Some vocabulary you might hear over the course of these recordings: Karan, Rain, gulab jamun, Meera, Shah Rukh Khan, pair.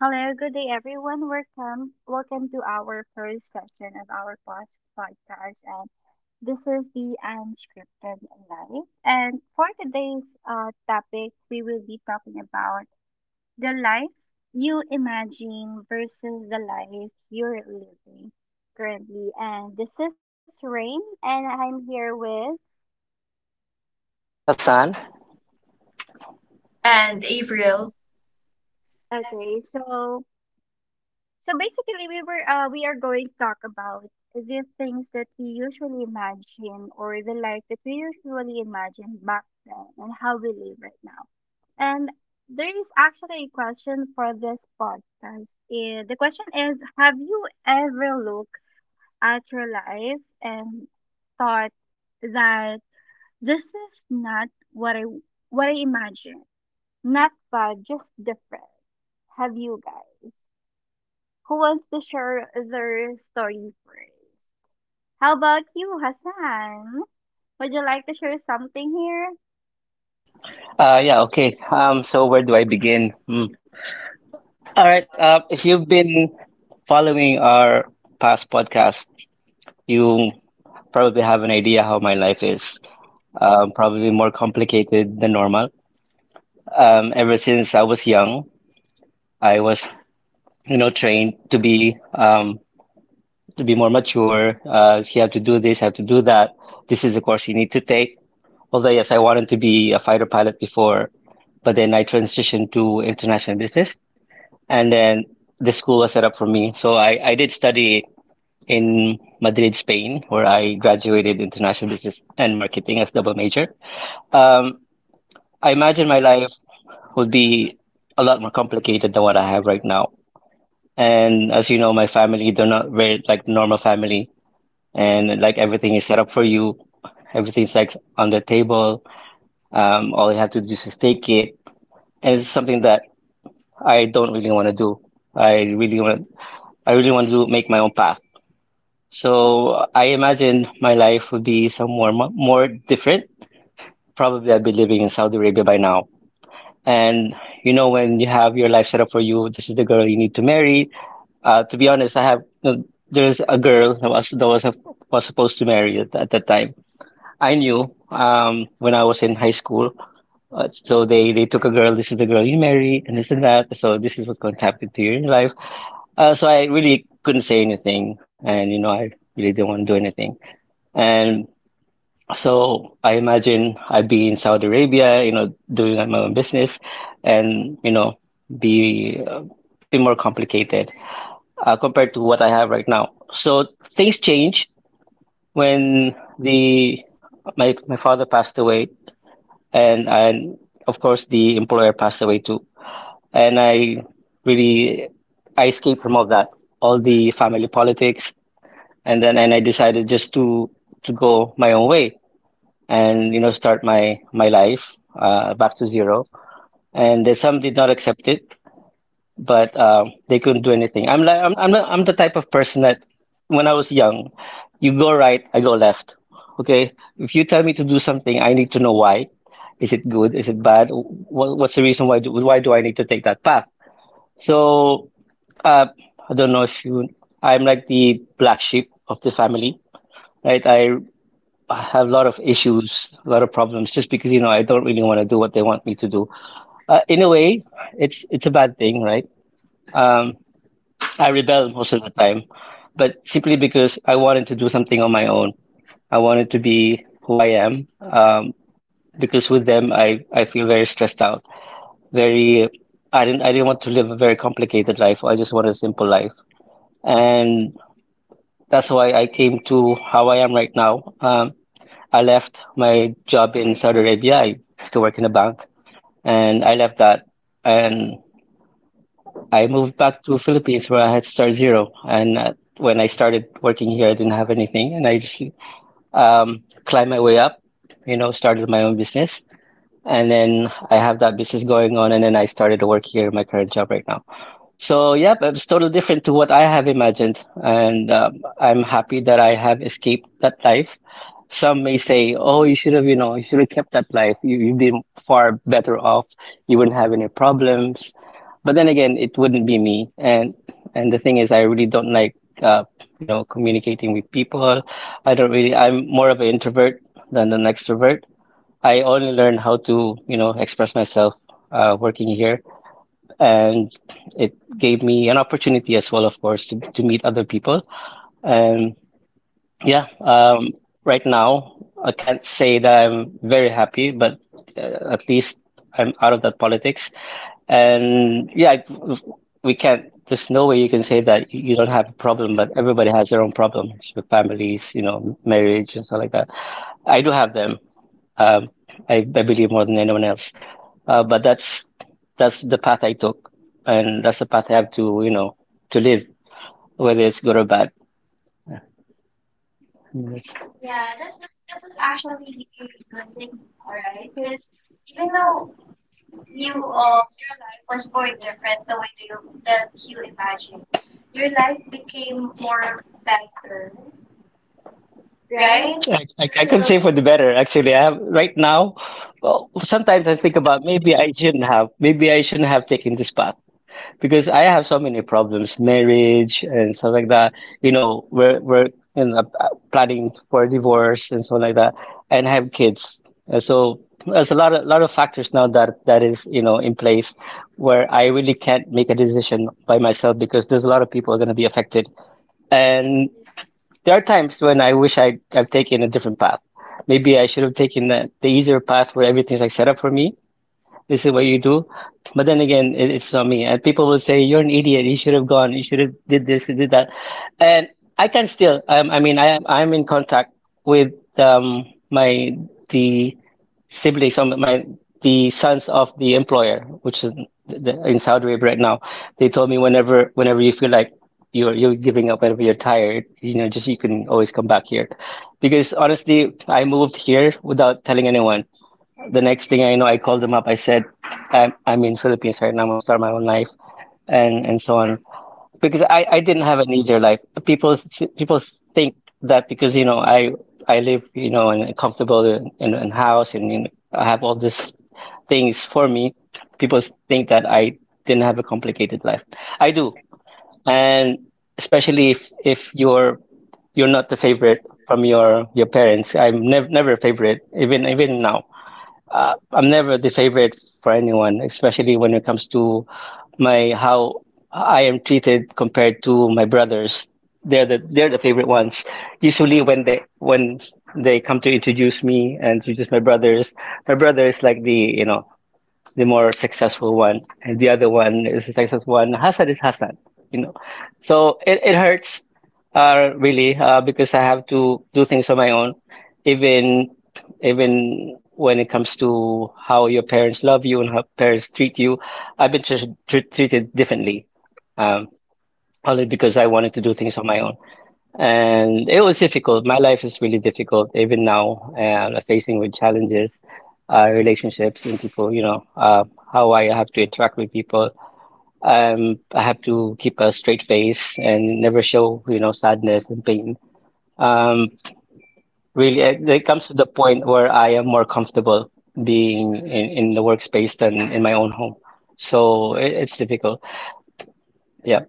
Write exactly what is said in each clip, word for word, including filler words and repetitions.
Hello, good day everyone. Welcome. Welcome to our first session of our pos- podcast. And this is the unscripted life. And for today's uh, topic, we will be talking about the life you imagine versus the life you're living currently. And this is Rain, and I'm here with. Hassan? And April, Okay, so So basically, we were uh, we are going to talk about the things that we usually imagine or the life that we usually imagined back then and how we live right now. And there is actually a question for this podcast. Eh, The question is, have you ever looked at your life and thought that this is not what I what I imagined? Not bad, just different. Have you guys? Who wants to share their story first? How about you, Hassan? Would you like to share something here? Uh, yeah, okay. Um, so where do I begin? Hmm. All right. Uh, if you've been following our past podcast, you probably have an idea how my life is. Um, probably more complicated than normal. Um, ever since I was young, I was, you know, trained to be um, to be more mature. Uh, you have to do this, you have to do that. This is the course you need to take. Although, yes, I wanted to be a fighter pilot before, but then I transitioned to international business. And then the school was set up for me. So I, I did study in Madrid, Spain, where I graduated international business and marketing as double major. Um, I imagine my life would be a lot more complicated than what I have right now. And as you know, my family, they're not very like normal family, and like everything is set up for you. Everything's like on the table. Um, all you have to do is just take it. And it's something that I don't really want to do. I really want I really want to do, make my own path. So I imagine my life would be somewhere mo- more different. Probably I'd be living in Saudi Arabia by now. And you know, when you have your life set up for you, this is the girl you need to marry. Uh, to be honest, I have there's a girl that was that was a, was supposed to marry at, at that time. I knew um, when I was in high school. Uh, so they they took a girl. This is the girl you marry, and this and that. So this is what's going to happen to you in your life. Uh, so I really couldn't say anything, and you know, I really didn't want to do anything. And so I imagine I'd be in Saudi Arabia, you know, doing my own business and, you know, be uh, be more complicated uh, compared to what I have right now. So things change when the my my father passed away and and of course the employer passed away too. And I really I escaped from all that, all the family politics, and then and I decided just to to go my own way and you know start my my life uh, back to zero. And then some did not accept it, but um, they couldn't do anything. I'm like I'm I'm, the- I'm the type of person that when I was young, you go right, I go left. Okay, if you tell me to do something, I need to know why. Is it good? Is it bad? What, what's the reason why do, why do I need to take that path? So uh, I don't know if you. I'm like the black sheep of the family, right? I I have a lot of issues, a lot of problems, just because you know I don't really want to do what they want me to do. Uh, in a way, it's it's a bad thing, right? Um, I rebel most of the time, but simply because I wanted to do something on my own. I wanted to be who I am. Um, because with them, I I feel very stressed out. Very, I didn't I didn't want to live a very complicated life. I just wanted a simple life, and that's why I came to how I am right now. Um, I left my job in Saudi Arabia. I used to work in a bank, and I left that, and I moved back to Philippines where I had to start zero. And uh, when I started working here, I didn't have anything, and I just um, climbed my way up. You know, started my own business, and then I have that business going on, and then I started to work here in my current job right now. So, yep, it's totally different to what I have imagined, and um, I'm happy that I have escaped that life. Some may say, "Oh, you should have, you know, you should have kept that life. You, you'd been far better off. You wouldn't have any problems." But then again, it wouldn't be me, and and the thing is, I really don't like, uh, you know, communicating with people. I don't really. I'm more of an introvert than an extrovert. I only learned how to, you know, express myself uh, working here and it gave me an opportunity as well, of course, to, to meet other people. And yeah, um, right now I can't say that I'm very happy, but uh, at least I'm out of that politics. And yeah, I- we can't. There's no way you can say that you don't have a problem, but everybody has their own problems with families, you know, marriage and stuff like that. I do have them, um, I, I believe more than anyone else. Uh, but that's that's the path I took, and that's the path I have to you know to live, whether it's good or bad. Yes. Yeah, actually, yeah, because you know, you um definitely experienced before, right? I, I can say for the better. Actually, I have right now. Well, sometimes I think about maybe I shouldn't have. Maybe I shouldn't have taken this path. Because I have so many problems, marriage and stuff like that. You know, we're we're in a, planning for divorce and so like that, and have kids. And so there's a lot of lot of factors now that that is you know in place where I really can't make a decision by myself because there's a lot of people are going to be affected. And there are times when I wish I I've taken a different path. Maybe I should have taken the, the easier path where everything's like set up for me, this is what you do. But then again, it, it's not me. And people will say, "You're an idiot. You should have gone. You should have did this. You did that." And I can still. Um, I mean, I I'm in contact with um my the siblings, some of my the sons of the employer, which is th- th- in Saudi Arabia right now. They told me whenever whenever you feel like you're you're giving up, whenever you're tired, you know, just you can always come back here. Because honestly, I moved here without telling anyone. The next thing I know, I called them up. I said, I'm, I'm in Philippines right now. I'm gonna start my own life and, and so on. Because I, I didn't have an easier life. People, people think that because, you know, I, I live, you know, in a comfortable in, in, house and in, I have all these things for me. People think that I didn't have a complicated life. I do. And especially if, if you're, you're not the favorite from your, your parents. I'm never, never a favorite, even, even now uh, I'm never the favorite for anyone, especially when it comes to my how I am treated compared to my brothers. They're the they're the favorite ones. Usually when they when they come to introduce me and introduce my brothers, my brother is like the you know the more successful one, and the other one is the successful one. Hassan is Hassan, you know. So it, it hurts, uh, really, uh, because I have to do things on my own, even even when it comes to how your parents love you and how parents treat you. I've been tr tr treated differently, um, only because I wanted to do things on my own. And it was difficult. My life is really difficult even now, and I'm facing with challenges, uh, relationships and people, you know, uh, how I have to interact with people. Um, I have to keep a straight face and never show, you know, sadness and pain. Um, really, it, it comes to the point where I am more comfortable being in, in the workspace than in my own home. So it, it's difficult. Yeah.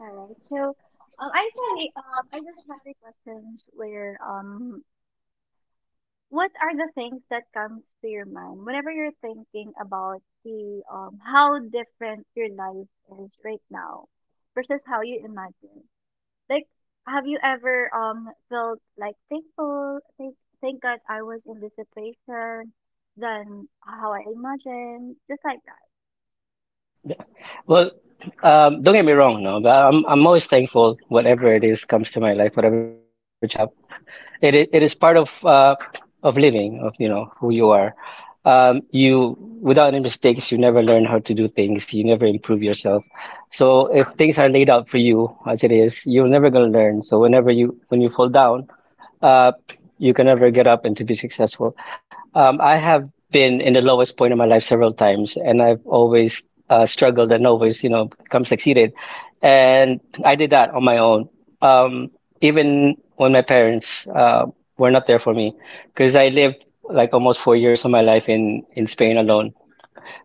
Alright, so um, I sorry, um, I just have a questions where um what are the things that comes to your mind whenever you're thinking about the um how different your life is right now versus how you imagine? Like, have you ever um felt like thankful, thank thank God I was in this situation than how I imagined, just like that. Well, um, don't get me wrong, no, but I'm I'm always thankful whatever it is comes to my life, whatever challenges that you have. It i- it is part of uh of living, of you know who you are. Um, you without any mistakes, you never learn how to do things. You never improve yourself. So if things are laid out for you as it is, you're never gonna learn. So whenever you when you fall down. Uh, you can never get up and to be successful. Um, I have been in the lowest point of my life several times, and I've always uh, struggled and always, you know, come succeeded. And I did that on my own. Um, Even when my parents uh, were not there for me, because I lived like almost four years of my life in in Spain alone.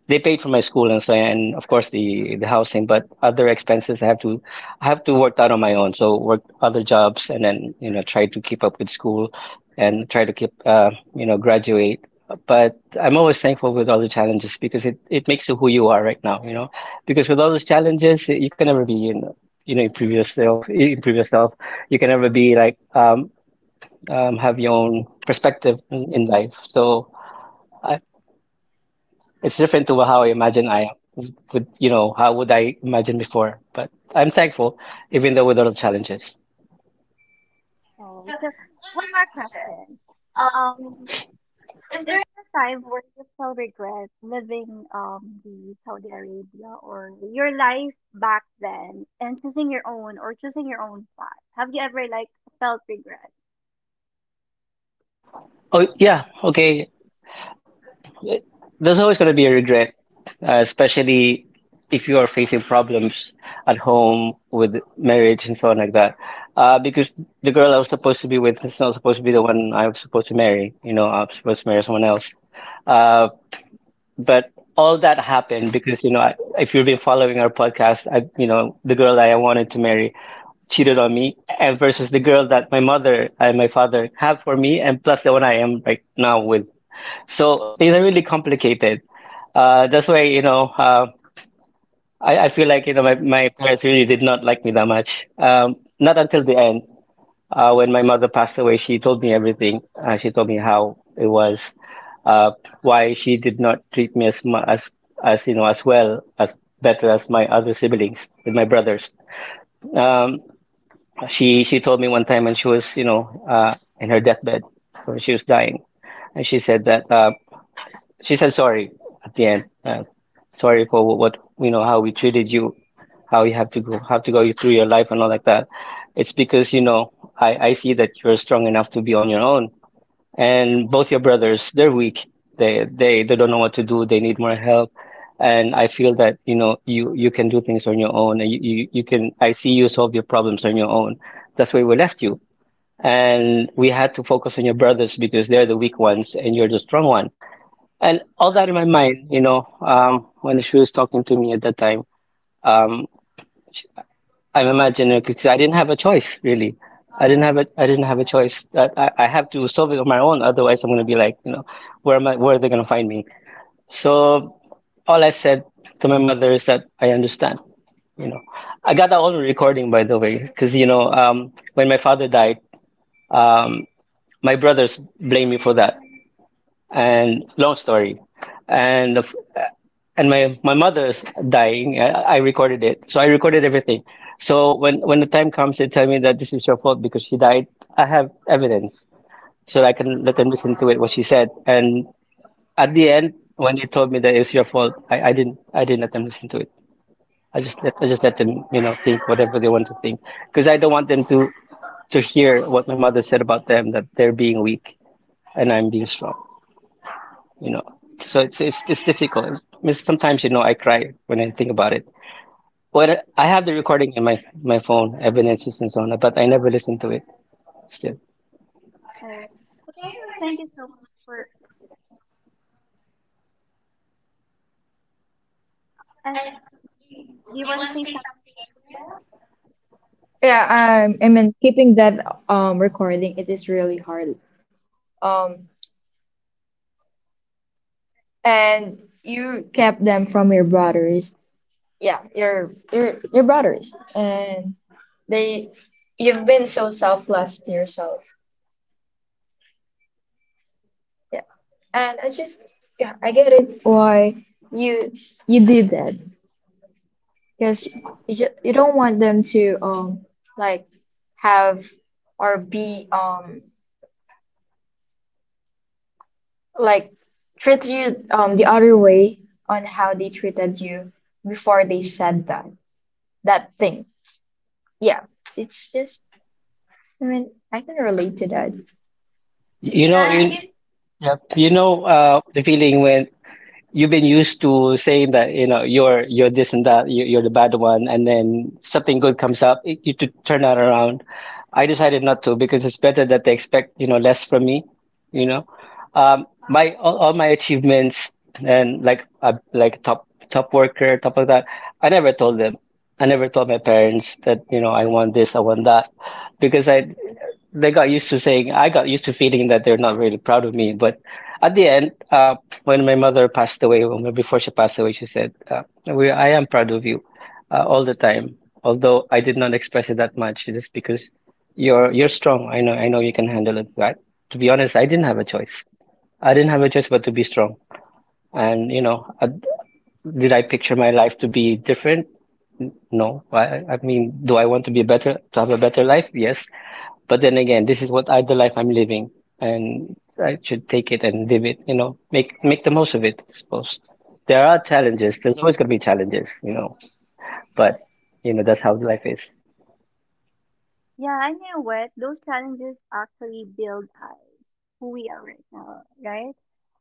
They paid for my school and so, and of course the the housing, but other expenses I have to I have to work out on my own. So work other jobs and then, you know, try to keep up with school and try to keep, uh, you know graduate. But I'm always thankful with all the challenges because it, it makes you who you are right now, you know. Because with all those challenges, you can never be, you know you know improve yourself, improve yourself. You can never be like um, um, have your own perspective in, in life. So, it's different to how I imagine. I would, you know, how would I imagine before. But I'm thankful, even though with a lot of challenges. Okay. So one more question. Um, Is there a time where you felt regret living um the Saudi Arabia or your life back then and choosing your own or choosing your own path? Have you ever like felt regret? Oh, yeah, okay. There's always going to be a regret, uh, especially if you are facing problems at home with marriage and so on like that. Uh, because the girl I was supposed to be with is not supposed to be the one I was supposed to marry. You know, I'm supposed to marry someone else. Uh, but all that happened because, you know, I, if you've been following our podcast, I, you know, the girl that I wanted to marry cheated on me, and versus the girl that my mother and my father have for me, and plus the one I am right now with. So things are really complicated. Uh, that's why, you know, uh, I, I feel like, you know, my, my parents really did not like me that much. Um, not until the end. Uh, when my mother passed away, she told me everything. Uh, she told me how it was, uh, why she did not treat me as mu as as you know, as well as better as my other siblings and my brothers. Um, She she told me one time when she was, you know, uh, in her deathbed, when she was dying, and she said that, uh, she said sorry at the end. Uh, sorry for what, you know, how we treated you, how you have to go have to go through your life and all like that. It's because, you know, I I see that you're strong enough to be on your own, and both your brothers, they're weak. They they they don't know what to do, they need more help. And I feel that, you know, you you can do things on your own, and you you, you can, I see you solve your problems on your own. That's why we left you, and we had to focus on your brothers because they're the weak ones and you're the strong one. And all that in my mind, you know. Um when she was talking to me at that time, um I'm imagining, because I didn't have a choice, really. I didn't have a, I didn't have a choice. That I, I have to solve it on my own, otherwise I'm gonna be like, you know, where am I? Where are they gonna find me? So all I said to my mother is that I understand, you know. I got that on recording, by the way, because, you know, um when my father died, um my brothers blamed me for that. And long story. And and my my mother's dying, I, I recorded it. So i recorded everything. So when when the time comes, they tell me that this is your fault because she died, I have evidence. So i can let them listen to it, what she said. And at the end, when they told me that it's your fault, i, I didn't i didn't let them listen to it. I just let, i just let them, you know, think whatever they want to think, because i don't want them to to hear what my mother said about them, that they're being weak and i'm being strong, you know. So it's it's, it's difficult. I sometimes, you know, i cry when i think about it. What, I have the recording in my my phone, evidences and so on, but I never listen to it. Still, Or, but anyway, thank you so much for. Uh, do you want to say something? yeah, um, I mean, keeping that um recording, it is really hard. Um, and you kept them from your brothers. Yeah, your your your brothers, and they, you've been so selfless to yourself. Yeah, and I just yeah, I get it why you you did that because you ju- you don't want them to um like have or be um like treat you um the other way on how they treated you before they said that that thing. Yeah, it's just I mean I can relate to that. you Yeah, know, I kn- you, yeah, you know, uh, the feeling when you've been used to saying that, you know, you're you're this and that, you, you're the bad one, and then something good comes up, it, you to turn that around. I decided not to because it's better that they expect, you know, less from me, you know. Um, my all, all my achievements, and like, uh, like top top worker, top of that, i never told them. I never told my parents that, you know, i want this, i want that, because I they got used to saying, I got used to feeling that they're not really proud of me. But at the end, uh, when my mother passed away, well, before she passed away, she said, uh, "We, I am proud of you, uh, all the time." Although I did not express it that much, it's just because you're you're strong. I know, I know you can handle it. But to be honest, I didn't have a choice. I didn't have a choice but to be strong. And you know, I, did I picture my life to be different? No. I, I mean, do I want to be better, to have a better life? Yes. But then again, this is what I, the life I'm living, and I should take it and live it. You know, make make the most of it. I suppose there are challenges. There's always gonna be challenges. You know, but you know that's how life is. yeah, I know what those challenges actually build us who we are right now, right?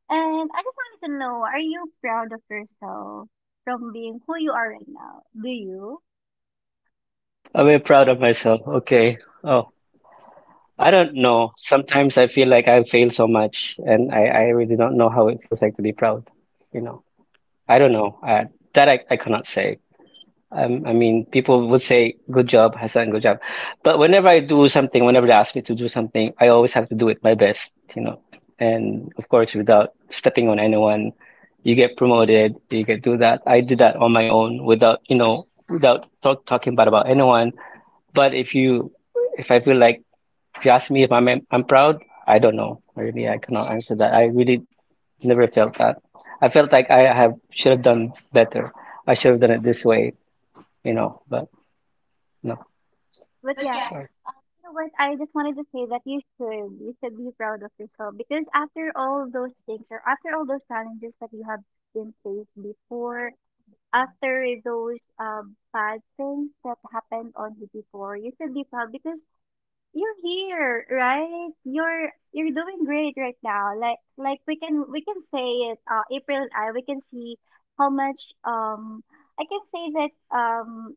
And I just wanted to know, are you proud of yourself from being who you are right now? Do you? I'm very proud of myself. Okay. Oh, I don't know. Sometimes I feel like I fail so much, and I I really don't know how it feels like to be proud. You know, I don't know. Uh, that I, I cannot say. Um, I mean, people would say, "Good job, Hassan, good job." But whenever I do something, whenever they ask me to do something, I always have to do it my best, you know. And of course, without stepping on anyone, you get promoted, you get do that. I did that on my own without, you know, without talk, talking bad about anyone. But if you, if I feel like, if you ask me if I'm I'm proud, I don't know. Really, I cannot answer that. I really never felt that. I felt like I have should have done better. I should have done it this way, you know, but no. But yeah. Sorry. Know what? I just wanted to say that you should. You should be proud of yourself because after all those things or after all those challenges that you have been faced before, after those um, bad things that happened on you before, you should be proud because you're here, right? You're you're doing great right now. Like like we can we can say it. Uh, April and I we can see how much um I can say that um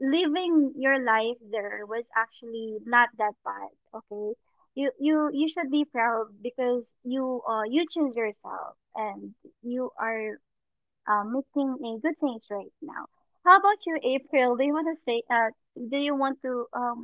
living your life there was actually not that bad. Okay, you you you should be proud because you uh you choose yourself and you are uh, making a good things right now. How about you, April, do you want to say uh do you want to um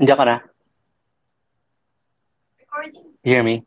Jacana, hear me.